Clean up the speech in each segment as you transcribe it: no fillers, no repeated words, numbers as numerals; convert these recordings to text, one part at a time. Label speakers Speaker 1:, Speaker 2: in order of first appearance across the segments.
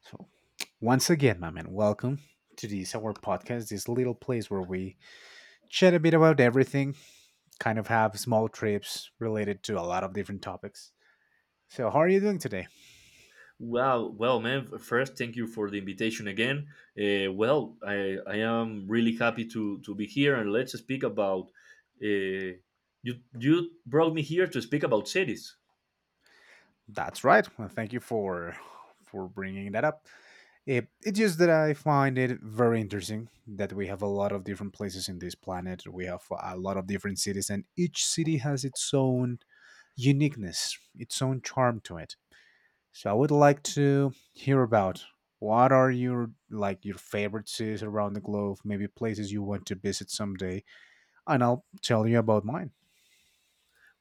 Speaker 1: So, once again, my man, welcome to this our podcast, this little place where we chat a bit about everything, kind of have small trips related to a lot of different topics. So, how are you doing today?
Speaker 2: Wow, well, man. First, thank you for the invitation again. I am really happy to be here, and let's speak about. Uh, you you brought me here to speak about cities.
Speaker 1: That's right. Well, thank you for bringing that up. It's just that I find it very interesting that we have a lot of different places in this planet. We have a lot of different cities, and each city has its own uniqueness, its own charm to it. So I would like to hear about what are your, like, your favorite cities around the globe, maybe places you want to visit someday, and I'll tell you about mine.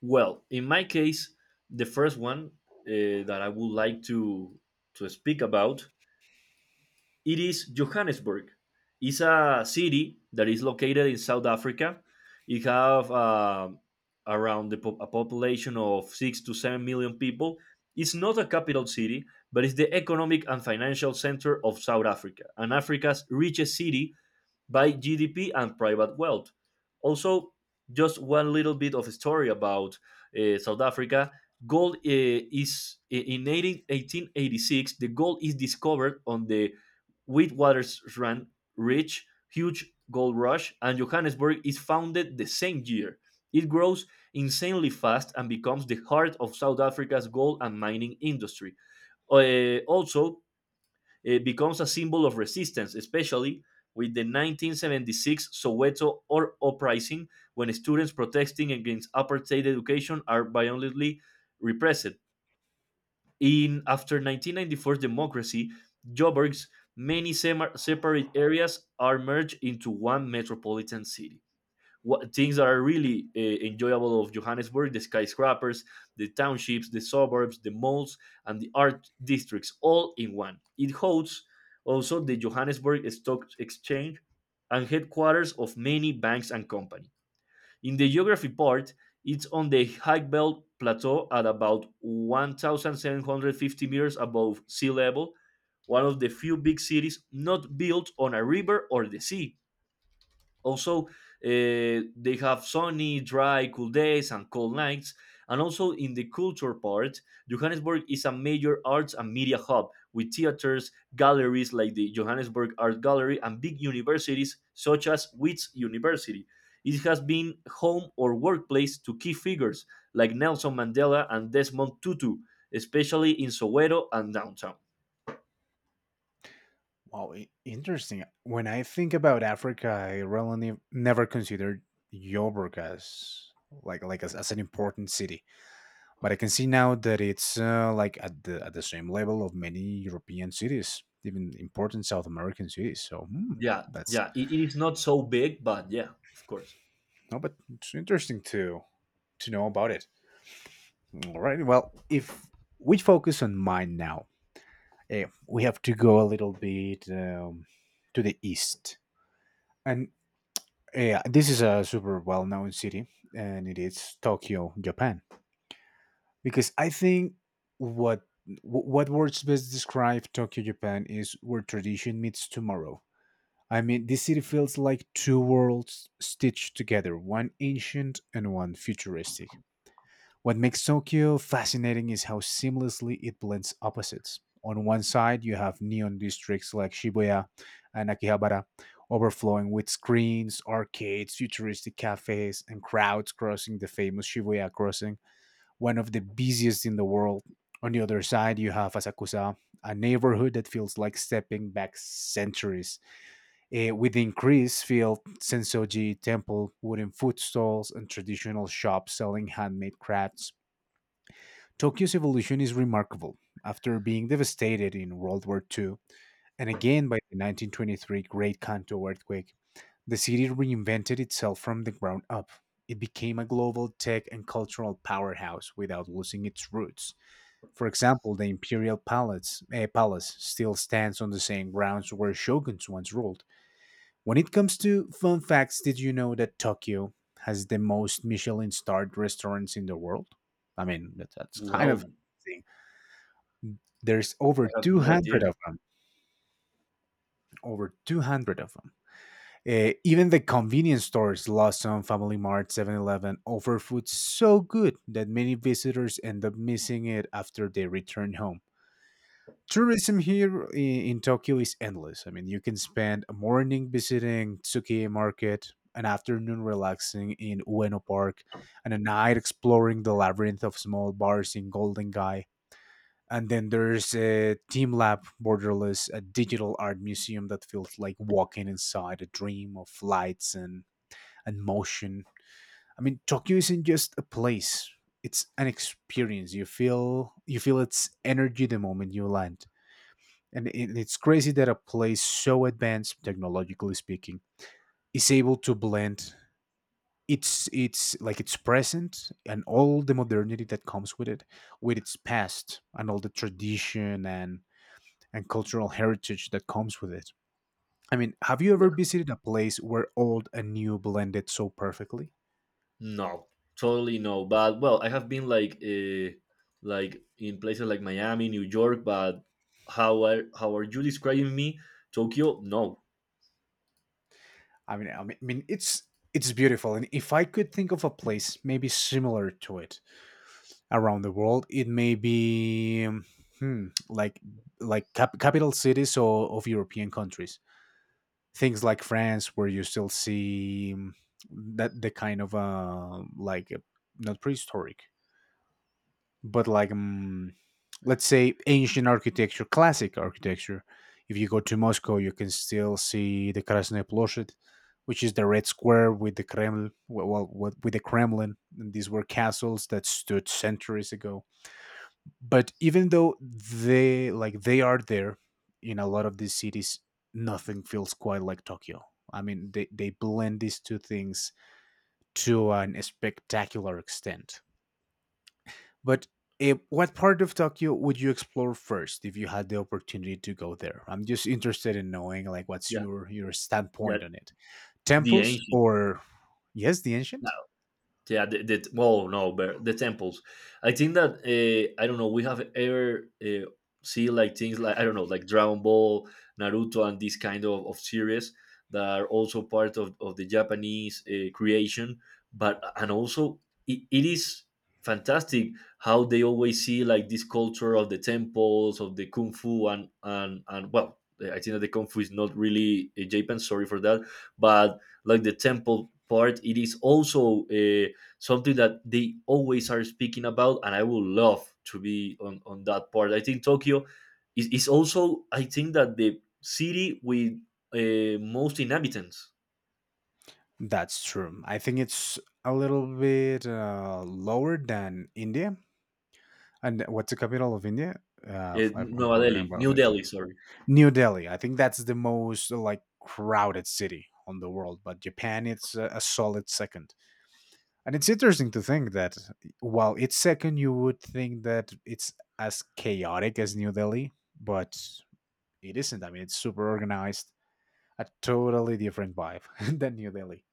Speaker 2: Well, in my case, the first one that I would like to speak about it is Johannesburg. It's a city that is located in South Africa. It have a population of 6 to 7 million people. It's not a capital city, but it's the economic and financial center of South Africa and Africa's richest city by GDP and private wealth. Also, just one little bit of a story about South Africa. Gold is in 1886. The gold is discovered on the Witwatersrand Ridge, huge gold rush, and Johannesburg is founded the same year. It grows insanely fast and becomes the heart of South Africa's gold and mining industry. Also, it becomes a symbol of resistance, especially with the 1976 Soweto or uprising, when students protesting against apartheid education are violently repressed. In after 1994 democracy, Joburg's many separate areas are merged into one metropolitan city. What things that are really enjoyable of Johannesburg: the skyscrapers, the townships, the suburbs, the malls, and the art districts all in one. It hosts also the Johannesburg Stock Exchange and headquarters of many banks and companies. In the geography part, it's on the High Belt Plateau at about 1,750 meters above sea level, one of the few big cities not built on a river or the sea. Also, they have sunny, dry, cool days and cold nights. And also, in the culture part, Johannesburg is a major arts and media hub with theaters, galleries like the Johannesburg Art Gallery, and big universities such as Wits University. It has been home or workplace to key figures like Nelson Mandela and Desmond Tutu, especially in Soweto and downtown.
Speaker 1: Wow, interesting. When I think about Africa, I really never considered Joburg as as an important city, but I can see now that it's like at the same level of many European cities, even important South American cities. So,
Speaker 2: Yeah,
Speaker 1: that's...
Speaker 2: yeah. It is not so big, but yeah, of course.
Speaker 1: No, but it's interesting to know about it. All right. Well, if we focus on mine now, we have to go a little bit, to the east, and yeah, this is a super well-known city, and it is Tokyo, Japan. Because I think what what words best describe Tokyo, Japan is where tradition meets tomorrow. I mean, this city feels like two worlds stitched together, one ancient and one futuristic. What makes Tokyo fascinating is how seamlessly it blends opposites. On one side, you have neon districts like Shibuya and Akihabara, overflowing with screens, arcades, futuristic cafes, and crowds crossing the famous Shibuya crossing, one of the busiest in the world. On the other side, you have Asakusa, a neighborhood that feels like stepping back centuries. With the increased field, Sensoji Temple, wooden food stalls, and traditional shops selling handmade crafts. Tokyo's evolution is remarkable. After being devastated in World War II and again by the 1923 Great Kanto earthquake, the city reinvented itself from the ground up. It became a global tech and cultural powerhouse without losing its roots. For example, the Imperial Palace, Palace still stands on the same grounds where shoguns once ruled. When it comes to fun facts, did you know that Tokyo has the most Michelin starred restaurants in the world? I mean, that's kind of...
Speaker 2: Well,
Speaker 1: there's
Speaker 2: I
Speaker 1: over
Speaker 2: have no idea.
Speaker 1: 200 of them. Over 200 of them. Even the convenience stores, Lawson, Family Mart, 7-Eleven, offer food so good that many visitors end up missing it after they return home. Tourism here in Tokyo is endless. I mean, you can spend a morning visiting Tsukiya Market, an afternoon relaxing in Ueno Park, and a night exploring the labyrinth of small bars in Golden Gai. And then there's a team lab borderless, a digital art museum that feels like walking inside a dream of lights and motion. I mean, Tokyo isn't just a place, it's an experience. You feel its energy the moment you land, and it's crazy that a place so advanced technologically speaking is able to blend its present and all the modernity that comes with it with its past and all the tradition and cultural heritage that comes with it. I mean, have you ever
Speaker 2: Yeah.
Speaker 1: visited a place where old and new blended so perfectly?
Speaker 2: No, totally no. But well, I have been like in places like Miami, New York, but how are you describing me? Tokyo? No.
Speaker 1: I mean, it's beautiful, and if I could think of a place maybe similar to it around the world, it may be, like capital cities or of European countries. Things like France, where you still see, that the kind of, not prehistoric, but like, let's say ancient architecture, classic architecture. If you go to Moscow, you can still see the Krasnaya Plozhd, which is the red square with the Kremlin. Well, with the Kremlin, and these were castles that stood centuries ago. But even though they, like, they are there in a lot of these cities, nothing feels quite like Tokyo. I mean, they blend these two things to an spectacular extent. But what part of Tokyo would you explore first if you had the opportunity to go there? I'm just interested in knowing, like, what's
Speaker 2: Yeah,
Speaker 1: your
Speaker 2: yeah.
Speaker 1: standpoint on it.
Speaker 2: The
Speaker 1: Temples
Speaker 2: ancient.
Speaker 1: or... yes, the ancient?
Speaker 2: Yeah, the, well, no, but the temples. I think that I don't know, we have ever see like things, like I don't know, like Dragon Ball, Naruto, and this kind of series that are also part of the Japanese creation. But and also it is fantastic how they always see like this culture of the temples, of the kung fu, and and well, I think that the kung fu is not really a Japan, sorry for that, but like the temple part, it is also something that they always are speaking about, and I would love to be on that part. I think Tokyo is also, I think, that the city with most inhabitants.
Speaker 1: That's true. I think it's a little bit lower than India. And what's the capital of India? I'm
Speaker 2: Nova
Speaker 1: forgetting
Speaker 2: Delhi,
Speaker 1: about
Speaker 2: New
Speaker 1: it.
Speaker 2: Delhi, sorry.
Speaker 1: New Delhi. I think that's the most, like, crowded city on the world, but Japan it's a solid second. And it's interesting to think that while it's second, you would think that it's as chaotic as New Delhi, but it isn't. I mean, it's super organized, a totally different vibe than New Delhi.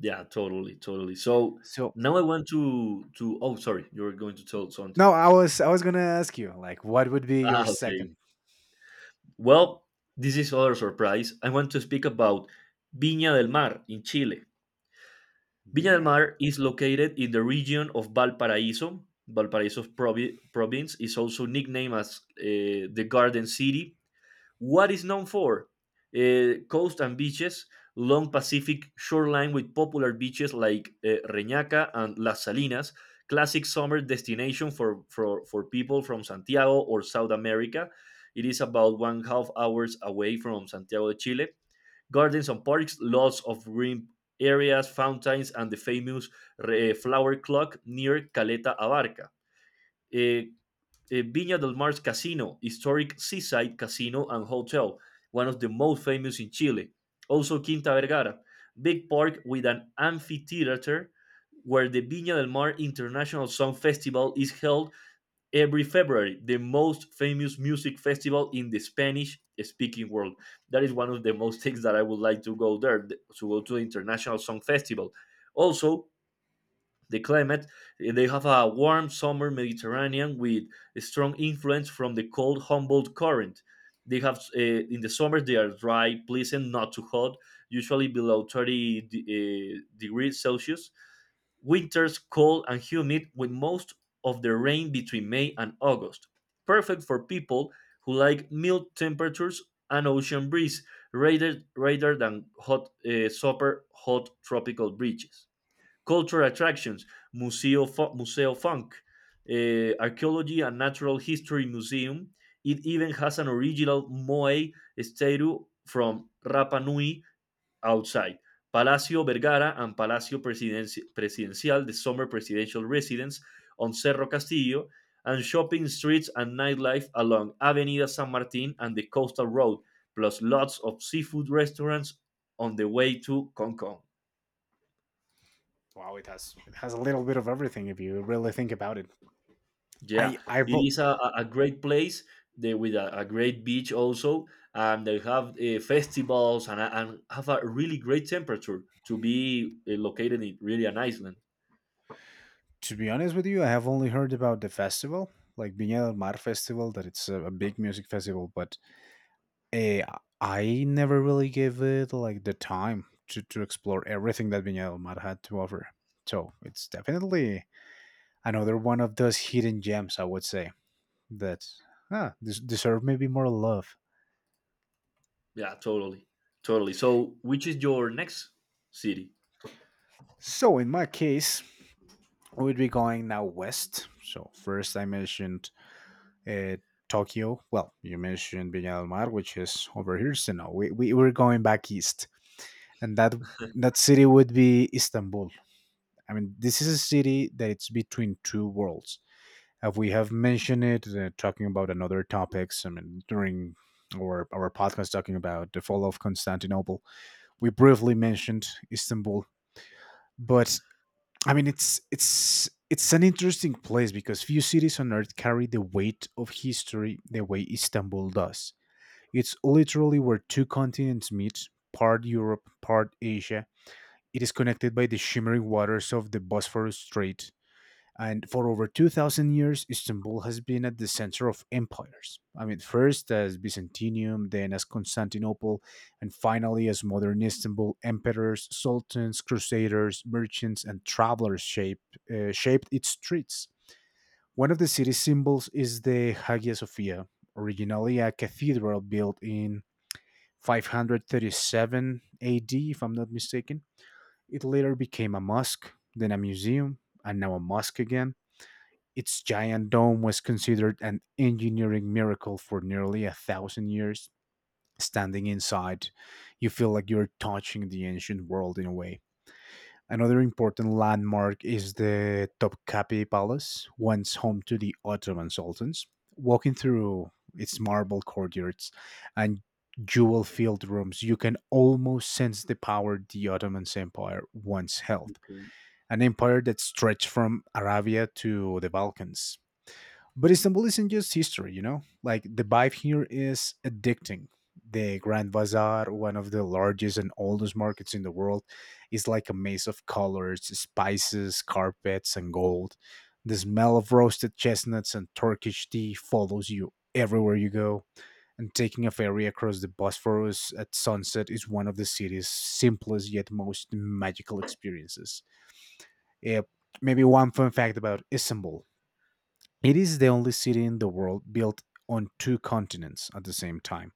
Speaker 2: Yeah, totally, totally. So
Speaker 1: So
Speaker 2: now I want to. Oh, sorry, you were going to tell something.
Speaker 1: no, I was gonna ask you, like, what would be your
Speaker 2: Ah, okay.
Speaker 1: second...
Speaker 2: Well, this is other surprise. I want to speak about Viña del Mar in Chile. Viña del
Speaker 1: Vino?
Speaker 2: Mar is located in the region of Valparaíso. Valparaiso's province is also nicknamed as the Garden City. What is known for? Coast and beaches, long Pacific shoreline with popular beaches like Reñaca and Las Salinas, classic summer destination for people from Santiago or South America. It is about one half hours away from Santiago de Chile. Gardens and parks, lots of green areas, fountains, and the famous flower clock near Caleta Abarca. Eh, Viña del Mar's Casino, historic seaside casino and hotel, one of the most famous in Chile. Also, Quinta Vergara, big park with an amphitheater where the Viña del Mar International Song Festival is held every February, the most famous music festival in the Spanish speaking world. That is one of the most things that I would like to go there, to go to the International Song Festival. Also, the climate, they have a warm summer Mediterranean with a strong influence from the cold Humboldt current. They have in the summer they are dry, pleasant, not too hot, usually below 30 degrees Celsius. Winters cold and humid with most of the rain between May and August. Perfect for people who like mild temperatures and ocean breeze rather than hot super hot tropical breezes. Cultural attractions, Museo, Museo Funk, Archaeology and Natural History Museum. It even has an original Moai statue from Rapa Nui outside Palacio Vergara and Presidencial, the summer presidential residence on Cerro Castillo, and shopping streets and nightlife along Avenida San Martin and the coastal road, plus lots of seafood restaurants on the way to Cancun.
Speaker 1: Wow, it has a little bit of everything if you really think about it.
Speaker 2: Yeah,
Speaker 1: I I've
Speaker 2: it
Speaker 1: o-
Speaker 2: is a great place there with a great beach also, and they have festivals, and, and have a really great temperature to be located in really an island.
Speaker 1: to be honest with you, I have only heard about the festival, like Viña del Mar festival, that it's a big music festival, but... I never really gave it like the time to explore everything that Viña del Mar had to offer. So it's definitely another one of those hidden gems, I would say, that, deserve maybe more love.
Speaker 2: Yeah, totally, totally. So, which is your next city?
Speaker 1: So in my case, we would be going now west. So first I mentioned, uh, Tokyo. Well, you mentioned Viña del Mar, which is over here. So no, we were going back east. And that city would be Istanbul. I mean, this is a city that it's between two worlds. As we have mentioned it, talking about another topics, I mean, during our podcast talking about the fall of Constantinople, we briefly mentioned Istanbul. But I mean, it's an interesting place because few cities on earth carry the weight of history the way Istanbul does. It's literally where two continents meet, part Europe, part Asia. It is connected by the shimmering waters of the Bosphorus Strait, and for over 2,000 years, Istanbul has been at the center of empires. I mean, first as Byzantium, then as Constantinople, and finally as modern Istanbul. Emperors, sultans, crusaders, merchants, and travelers shaped its streets. One of the city's symbols is the Hagia Sophia, originally a cathedral built in 537 AD, if I'm not mistaken. It later became a mosque, then a museum, and now a mosque again. Its giant dome was considered an engineering miracle for nearly a thousand years. Standing inside, you feel like you're touching the ancient world in a way. Another important landmark is the Topkapi Palace, once home to the Ottoman sultans. Walking through its marble courtyards and jewel filled rooms, you can almost sense the power the Ottoman Empire once held.
Speaker 2: Okay.
Speaker 1: An empire that stretched from Arabia to the Balkans. But Istanbul isn't just history, you know? Like, the vibe here is addicting. The Grand Bazaar, one of the largest and oldest markets in the world, is like a maze of colors, spices, carpets, and gold. The smell of roasted chestnuts and Turkish tea follows you everywhere you go. And taking a ferry across the Bosphorus at sunset is one of the city's simplest yet most magical experiences. Eh, Maybe one fun fact about Istanbul: it is the only city in the world built on two continents at the same time.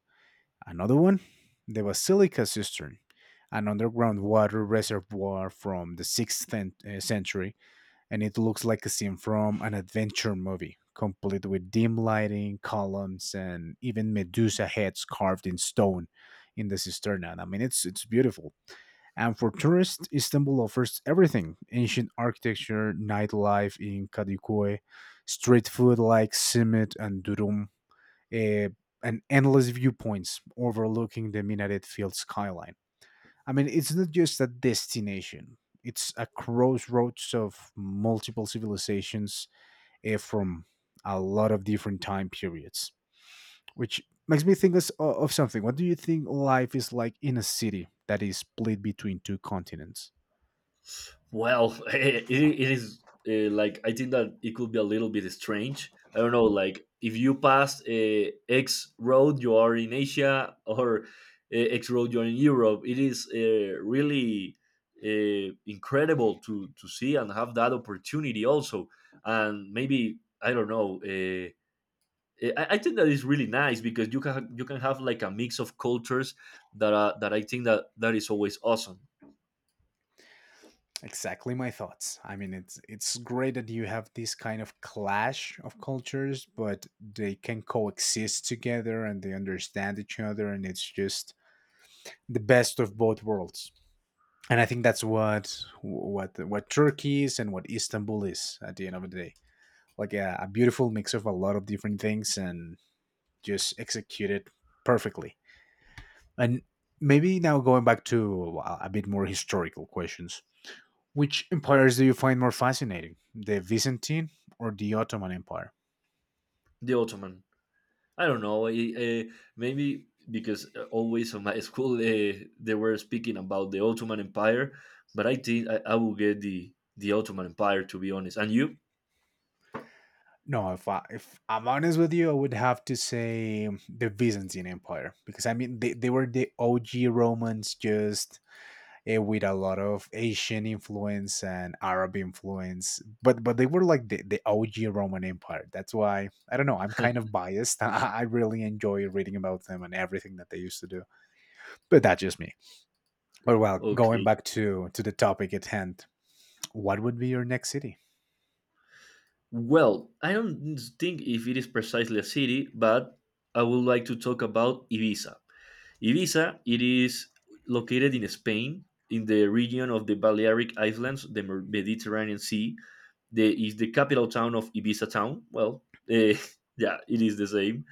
Speaker 1: Another one, the Basilica Cistern, an underground water reservoir from the 6th century, and it looks like a scene from an adventure movie, complete with dim lighting, columns, and even Medusa heads carved in stone in the cisterna. I mean, it's beautiful. And for tourists, Istanbul offers everything: ancient architecture, nightlife in Kadıköy, street food like simit and durum, eh, and endless viewpoints overlooking the minaret filled skyline. I mean, it's not just a destination, it's a crossroads of multiple civilizations, from a lot of different time periods, which makes me think of something. What do you think life is like in a city that is split between two continents?
Speaker 2: Well, it is like I think that it could be a little bit strange. I don't know, like if you pass X road, you are in Asia, or X road, you're in Europe. It is really incredible to see and have that opportunity also. And maybe I don't know. I think that is really nice because you can have like a mix of cultures that I think that that is always awesome.
Speaker 1: Exactly my thoughts. I mean, it's great that you have this kind of clash of cultures, but they can coexist together and they understand each other, and it's just the best of both worlds. And I think that's what Turkey is and what Istanbul is at the end of the day. Like a beautiful mix of a lot of different things and just executed perfectly. And
Speaker 2: Yeah.
Speaker 1: maybe now going back to, a bit more historical questions. Which empires do you find more fascinating, the Byzantine or the Ottoman Empire?
Speaker 2: The Ottoman. I don't know. Maybe because always on my school they were speaking about the Ottoman Empire, but I think I will get the Ottoman Empire, to be honest. And you?
Speaker 1: If I'm honest with you, I would have to say the Byzantine Empire because I mean, they were the OG Romans, just with a lot of Asian influence and Arab influence, but they were like the OG Roman Empire. That's why I don't know, I'm kind of biased. I really enjoy reading about them and everything that they used to do. But that's just me. But well, going
Speaker 2: Okay.
Speaker 1: back to the topic at hand, what would be your next city?
Speaker 2: Well, I don't think if it is precisely a city, but I would like to talk about Ibiza. Ibiza, it is located in Spain, in the region of the Balearic Islands, the Mediterranean Sea. Is the capital town of Ibiza town. Well, eh, yeah, it is the same.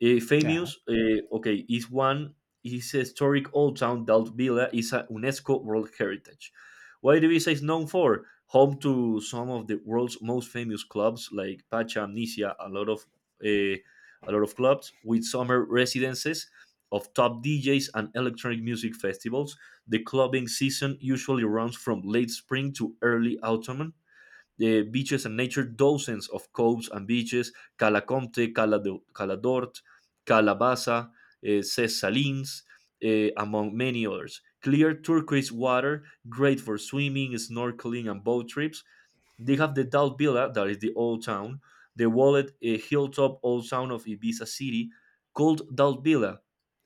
Speaker 1: Yeah.
Speaker 2: Famous, is a historic old town. Dalt Villa is a UNESCO World Heritage. What Ibiza is known for? Home to some of the world's most famous clubs like Pacha Amnesia, eh, a lot of clubs with summer residences of top DJs and electronic music festivals. The clubbing season usually runs from late spring to early autumn. The beaches and nature, dozens of coves and beaches, Cala Comte, Cala d'Ort, Calabasa, Ses Salines, among many others. Clear turquoise water, great for swimming, snorkeling, and boat trips. They have the Dal Villa, that is the old town, the walled hilltop old town of Ibiza city, called Dal Villa,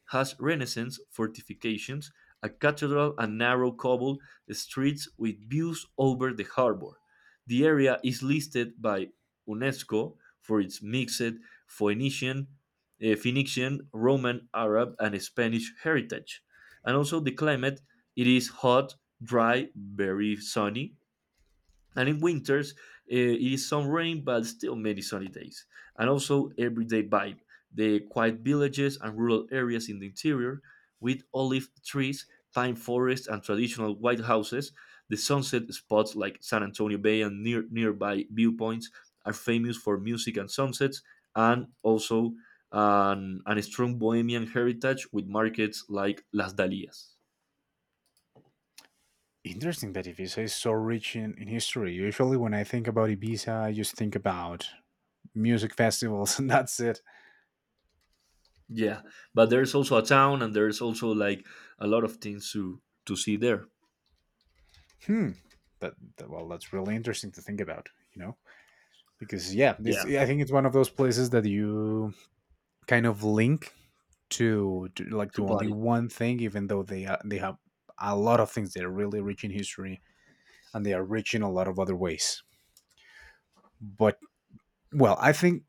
Speaker 2: has Renaissance fortifications, a cathedral, and narrow cobble streets with views over the harbor. The area is listed by UNESCO for its mixed Phoenician, Phoenician, Roman, Arab, and Spanish heritage. And also the climate, it is hot, dry, very sunny, and in winters, it is some rain, but still many sunny days. And also everyday vibe, the quiet villages and rural areas in the interior, with olive trees, pine forests, and traditional white houses. The sunset spots like San Antonio Bay and nearby viewpoints are famous for music and sunsets, and also an strong bohemian heritage with markets like Las Dalias.
Speaker 1: Interesting that Ibiza is so rich in history. Usually, when I think about Ibiza, I just think about music festivals and that's it.
Speaker 2: Yeah, but there's also a town, and there's also like a lot of things to see there.
Speaker 1: Hmm. Well, that's really interesting to think about, you know? Because, yeah, this,
Speaker 2: Yeah,
Speaker 1: I think it's one of those places that you kind of link to like
Speaker 2: to
Speaker 1: do only
Speaker 2: party.
Speaker 1: one thing, even though they have a lot of things that are really rich in history and they are rich in a lot of other ways. But well, I think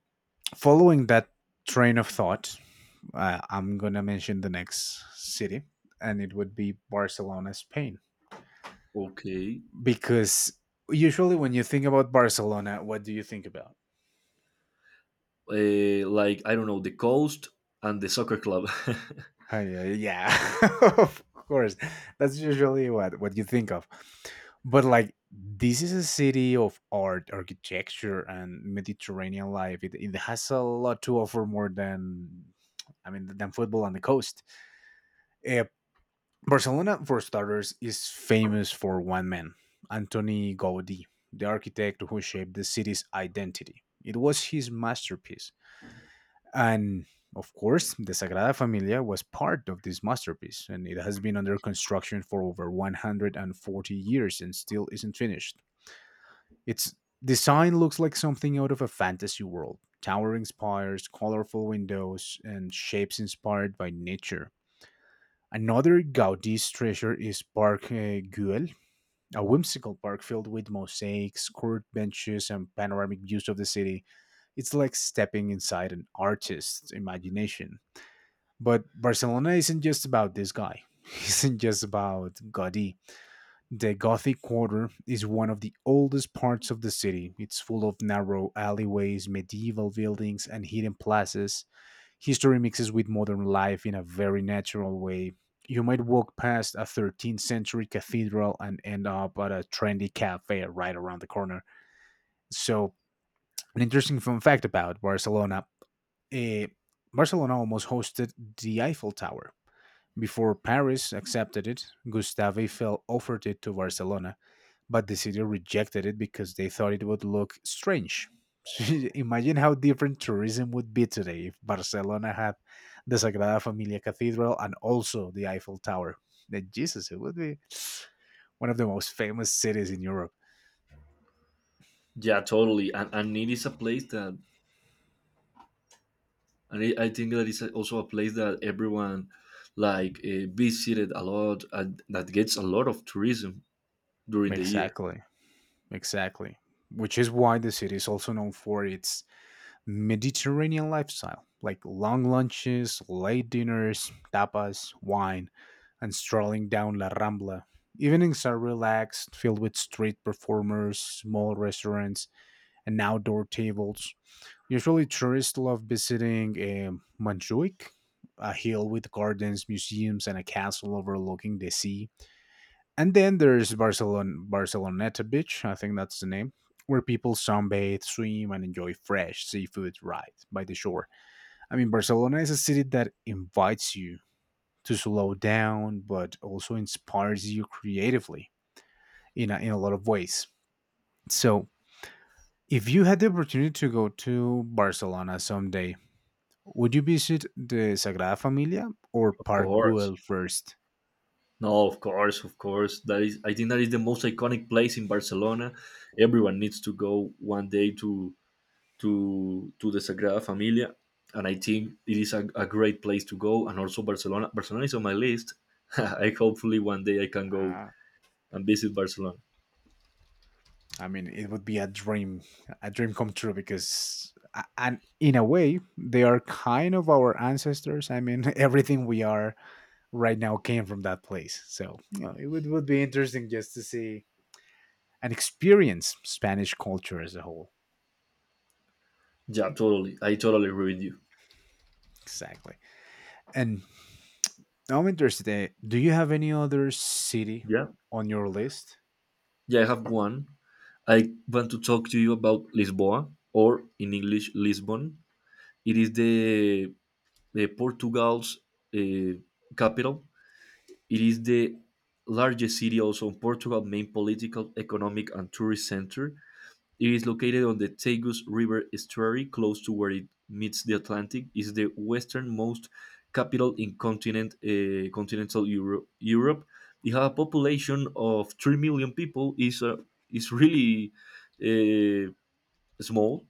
Speaker 1: following that train of thought, I'm gonna mention the next city, and it would be Barcelona, Spain,
Speaker 2: Okay,
Speaker 1: because usually when you think about Barcelona, what do you think about?
Speaker 2: like I don't know, the coast and the soccer club.
Speaker 1: Oh, yeah, yeah. Of course. That's usually what you think of. But like this is a city of art, architecture, and Mediterranean life. It has a lot to offer more than, I mean, than football on the coast. Uh, Barcelona, for starters, is famous for one man, Antoni Gaudi, the architect who shaped the city's identity. It was his masterpiece, and of course, the Sagrada Familia was part of this masterpiece, and it has been under construction for over 140 years and still isn't finished. Its design looks like something out of a fantasy world, towering spires, colorful windows, and shapes inspired by nature. Another Gaudi's treasure is Parc Güell, a whimsical park filled with mosaics, curved benches, and panoramic views of the city. It's like stepping inside an artist's imagination. But Barcelona isn't just about this guy. Isn't just about Gaudi. The Gothic Quarter is one of the oldest parts of the city. It's full of narrow alleyways, medieval buildings, and hidden plazas. History mixes with modern life in a very natural way. You might walk past a 13th century cathedral and end up at a trendy cafe right around the corner. So, an interesting fun fact about Barcelona, eh, Barcelona almost hosted the Eiffel Tower before Paris accepted it. Gustave Eiffel offered it to Barcelona, but the city rejected it because they thought it would look strange. Imagine how different tourism would be today if Barcelona had the Sagrada Familia Cathedral and also the Eiffel Tower. Then Jesus, it would be one of the most famous cities in Europe.
Speaker 2: Yeah, totally. And it is a place and I think that is also a place that everyone like visited a lot, and that gets a lot of tourism during the year.
Speaker 1: Exactly, exactly. Which is why the city is also known for its Mediterranean lifestyle, like long lunches, late dinners, tapas, wine, and strolling down La Rambla. Evenings are relaxed, filled with street performers, small restaurants, and outdoor tables. Usually, tourists love visiting Montjuic, a hill with gardens, museums, and a castle overlooking the sea. And then there's Barcelona Barceloneta Beach, I think that's the name, where people sunbathe, swim, and enjoy fresh seafood right by the shore. I mean, Barcelona is a city that invites you to slow down, but also inspires you creatively in a lot of ways. So, if you had the opportunity to go to Barcelona someday, would you visit the Sagrada Familia or
Speaker 2: Of
Speaker 1: Park
Speaker 2: course.
Speaker 1: Güell first?
Speaker 2: No, of course, of course. I think that is the most iconic place in Barcelona. Everyone needs to go one day to the Sagrada Familia, and I think it is a great place to go. And also Barcelona. Barcelona is on my list. I hopefully one day I can go
Speaker 1: Ah.
Speaker 2: and visit Barcelona.
Speaker 1: I mean, it would be a dream come true because, and in a way, they are kind of our ancestors. I mean, everything we are right now came from that place. So you know, would be interesting just to see and experience Spanish culture as a whole.
Speaker 2: Yeah, totally. I totally agree with you.
Speaker 1: Exactly. And I'm interested, do you have any other city
Speaker 2: Yeah,
Speaker 1: on your list?
Speaker 2: yeah. I have one. I want to talk to you about Lisboa, or in English, Lisbon. It is the Portugal's uh, capital. It is the largest city also in Portugal, main political, economic and tourist center. It is located on the Tagus River estuary, close to where it meets the Atlantic. It is the westernmost capital in continental Europe. It has a population of 3 million people. Is really uh, small,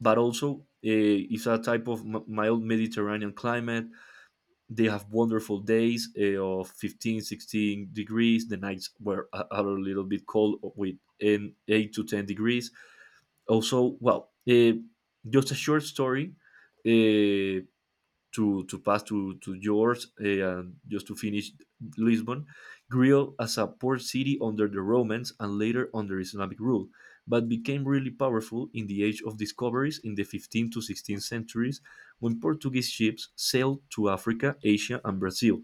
Speaker 2: but also it's a type of mild Mediterranean climate. They have wonderful days of 15, 16 degrees. The nights are a little bit cold with 8 to 10 degrees. Also, well, just a short story uh, to pass to yours, and just to finish. Lisbon grew as a port city under the Romans and later under Islamic rule, but became really powerful in the age of discoveries in the 15th to 16th centuries when Portuguese ships sailed to Africa, Asia, and Brazil.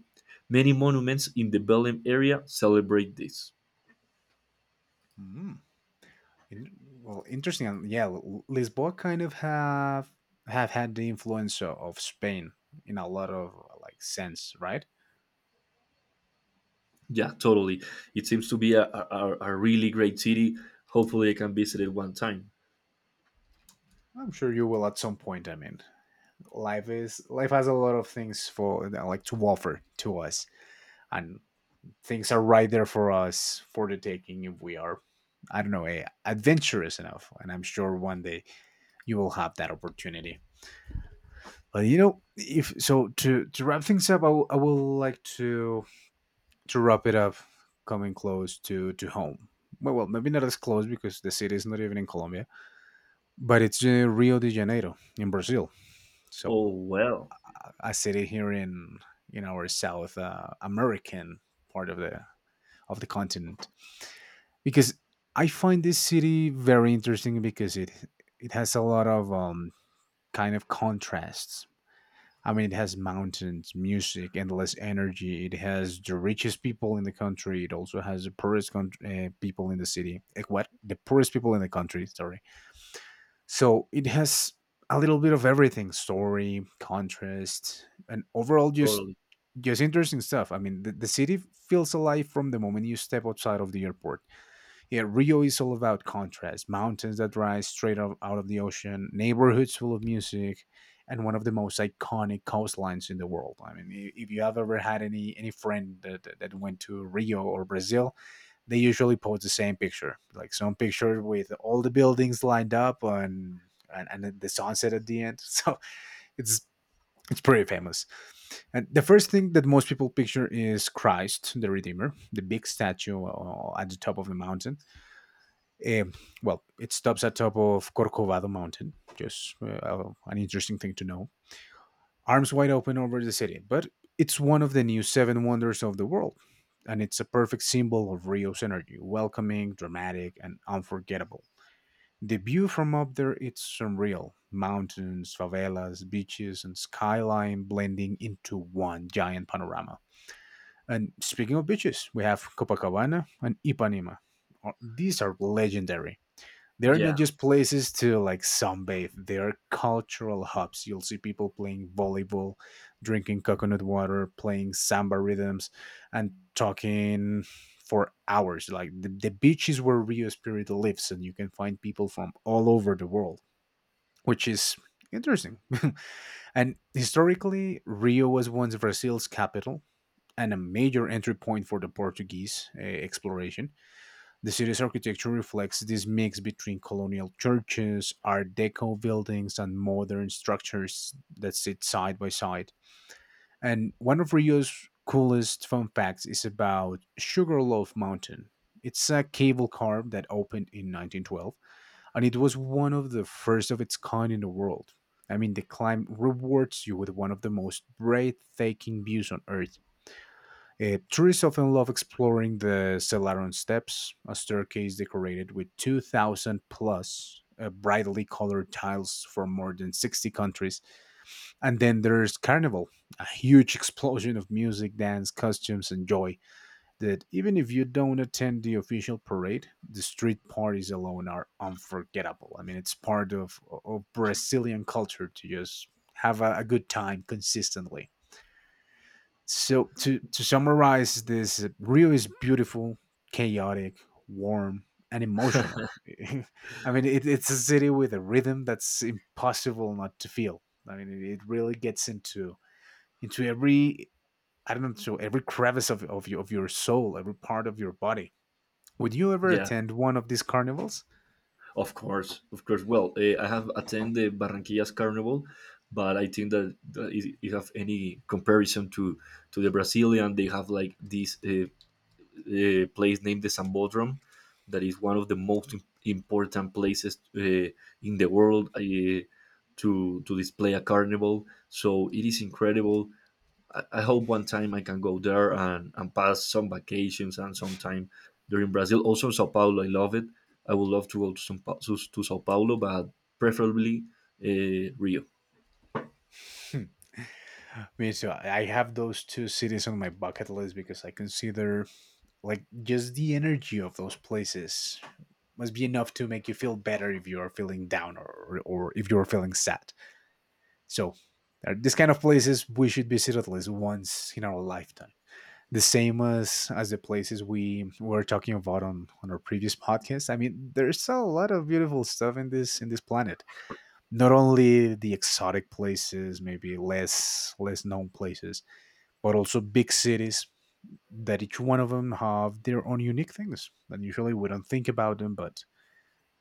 Speaker 2: Many monuments in the Belém area celebrate this.
Speaker 1: Hmm. Well, interesting. And yeah, Lisboa kind of have had the influence of Spain in a lot of like sense, right?
Speaker 2: Yeah, totally. It seems to be a really great city. Hopefully, I can visit it one time.
Speaker 1: I'm sure you will at some point. I mean, life has a lot of things for like to offer to us, and things are right there for us for the taking if we are, I don't know, adventurous enough. And I'm sure one day you will have that opportunity. But you know, if so, to wrap things up, I will like to wrap it up, coming close to home. Well, well, maybe not as close because the city is not even in Colombia, but it's Rio de Janeiro in Brazil. So
Speaker 2: Oh, well,
Speaker 1: a city here in our South American part of the continent, because I find this city very interesting because it has a lot of kind of contrasts. I mean, it has mountains, music, endless energy. It has the richest people in the country. It also has the people in the city. Eh, what? The poorest people in the country, sorry. So it has a little bit of everything, story, contrast, and overall
Speaker 2: totally.
Speaker 1: just interesting stuff. I mean, the city feels alive from the moment you step outside of the airport. Yeah, Rio is all about contrast, mountains that rise straight up out of the ocean, neighborhoods full of music, and one of the most iconic coastlines in the world. I mean, if you have ever had any friend that went to Rio or Brazil, they usually post the same picture, like some picture with all the buildings lined up and then the sunset at the end. So it's it's pretty famous, and the first thing that most people picture is Christ the Redeemer, the big statue at the top of the mountain, um, well, it stops at top of Corcovado Mountain. Just oh, an interesting thing to know. Arms wide open over the city, but it's one of the new seven wonders of the world, and it's a perfect symbol of Rio's energy, welcoming, dramatic, and unforgettable. The view from up there it's surreal. Mountains, favelas, beaches, and skyline blending into one giant panorama. And speaking of beaches, we have Copacabana and Ipanema. These are legendary, they're not
Speaker 2: Yeah,
Speaker 1: just places to like sunbathe, they're cultural hubs. You'll see people playing volleyball, drinking coconut water, playing samba rhythms, and talking for hours. Like the beach is where Rio spirit lives, and you can find people from all over the world, which is interesting. And historically, Rio was once Brazil's capital and a major entry point for the Portuguese exploration. The city's architecture reflects this mix between colonial churches, Art Deco buildings, and modern structures that sit side by side. And one of Rio's coolest fun facts is about Sugarloaf Mountain. It's a cable car that opened in 1912, and it was one of the first of its kind in the world. I mean, the climb rewards you with one of the most breathtaking views on Earth. Tourists often love exploring the Celaron Steps, a staircase decorated with 2,000 plus brightly colored tiles from more than 60 countries. And then there's Carnival, a huge explosion of music, dance, costumes, and joy that even if you don't attend the official parade, the street parties alone are unforgettable. I mean, it's part of Brazilian culture to just have a good time consistently. So to summarize this, Rio is beautiful, chaotic, warm, and emotional. I mean, it, it's a city with a rhythm that's impossible not to feel. I mean, it really gets into every I don't know, so every crevice of your, of your soul, every part of your body. Would you ever
Speaker 2: yeah.
Speaker 1: attend one of these carnivals?
Speaker 2: Of course, of course. Well, I have attended the Barranquillas Carnival, but I think that if you have any comparison to the Brazilian, they have like this place named the Sambódromo, that is one of the most important places in the world to display a carnival. So it is incredible. I hope one time I can go there and pass some vacations and some time during Brazil. Also, Sao Paulo, I love it. I would love to go to Sao Paulo, but preferably Rio.
Speaker 1: Hmm. Me too. I have those two cities on my bucket list because I consider like just the energy of those places must be enough to make you feel better if you're feeling down, or if you're feeling sad. So, there these kind of places we should visit at least once in our lifetime. The same as the places we were talking about on our previous podcast. I mean, there's a lot of beautiful stuff in this planet. Not only the exotic places, maybe less known places, but also big cities that each one of them have their own unique things. And usually we don't think about them, but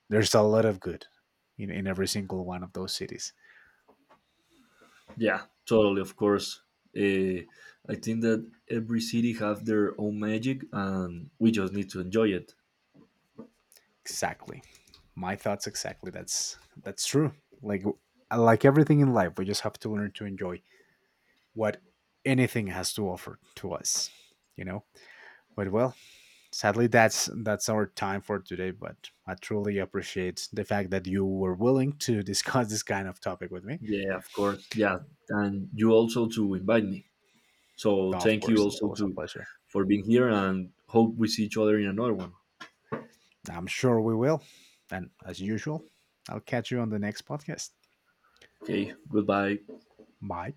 Speaker 1: there's a lot of good in every single one of those cities.
Speaker 2: Yeah, totally, of course. Uh, I think that every city have their own magic, and we just need to enjoy it.
Speaker 1: Exactly my thoughts, exactly. That's true. like like everything in life, we just have to learn to enjoy what anything has to offer to us, you know? But well, sadly that's our time for today, but I truly appreciate the fact that you were willing to discuss this kind of topic with me.
Speaker 2: Yeah, of course. Yeah, and you also to invite me. So
Speaker 1: Of
Speaker 2: thank you
Speaker 1: course, it's
Speaker 2: also
Speaker 1: always a
Speaker 2: to
Speaker 1: pleasure.
Speaker 2: for being here, and hope we see each other in another one.
Speaker 1: I'm sure we will, and as usual, I'll catch you on the next podcast.
Speaker 2: Okay, goodbye.
Speaker 1: Bye.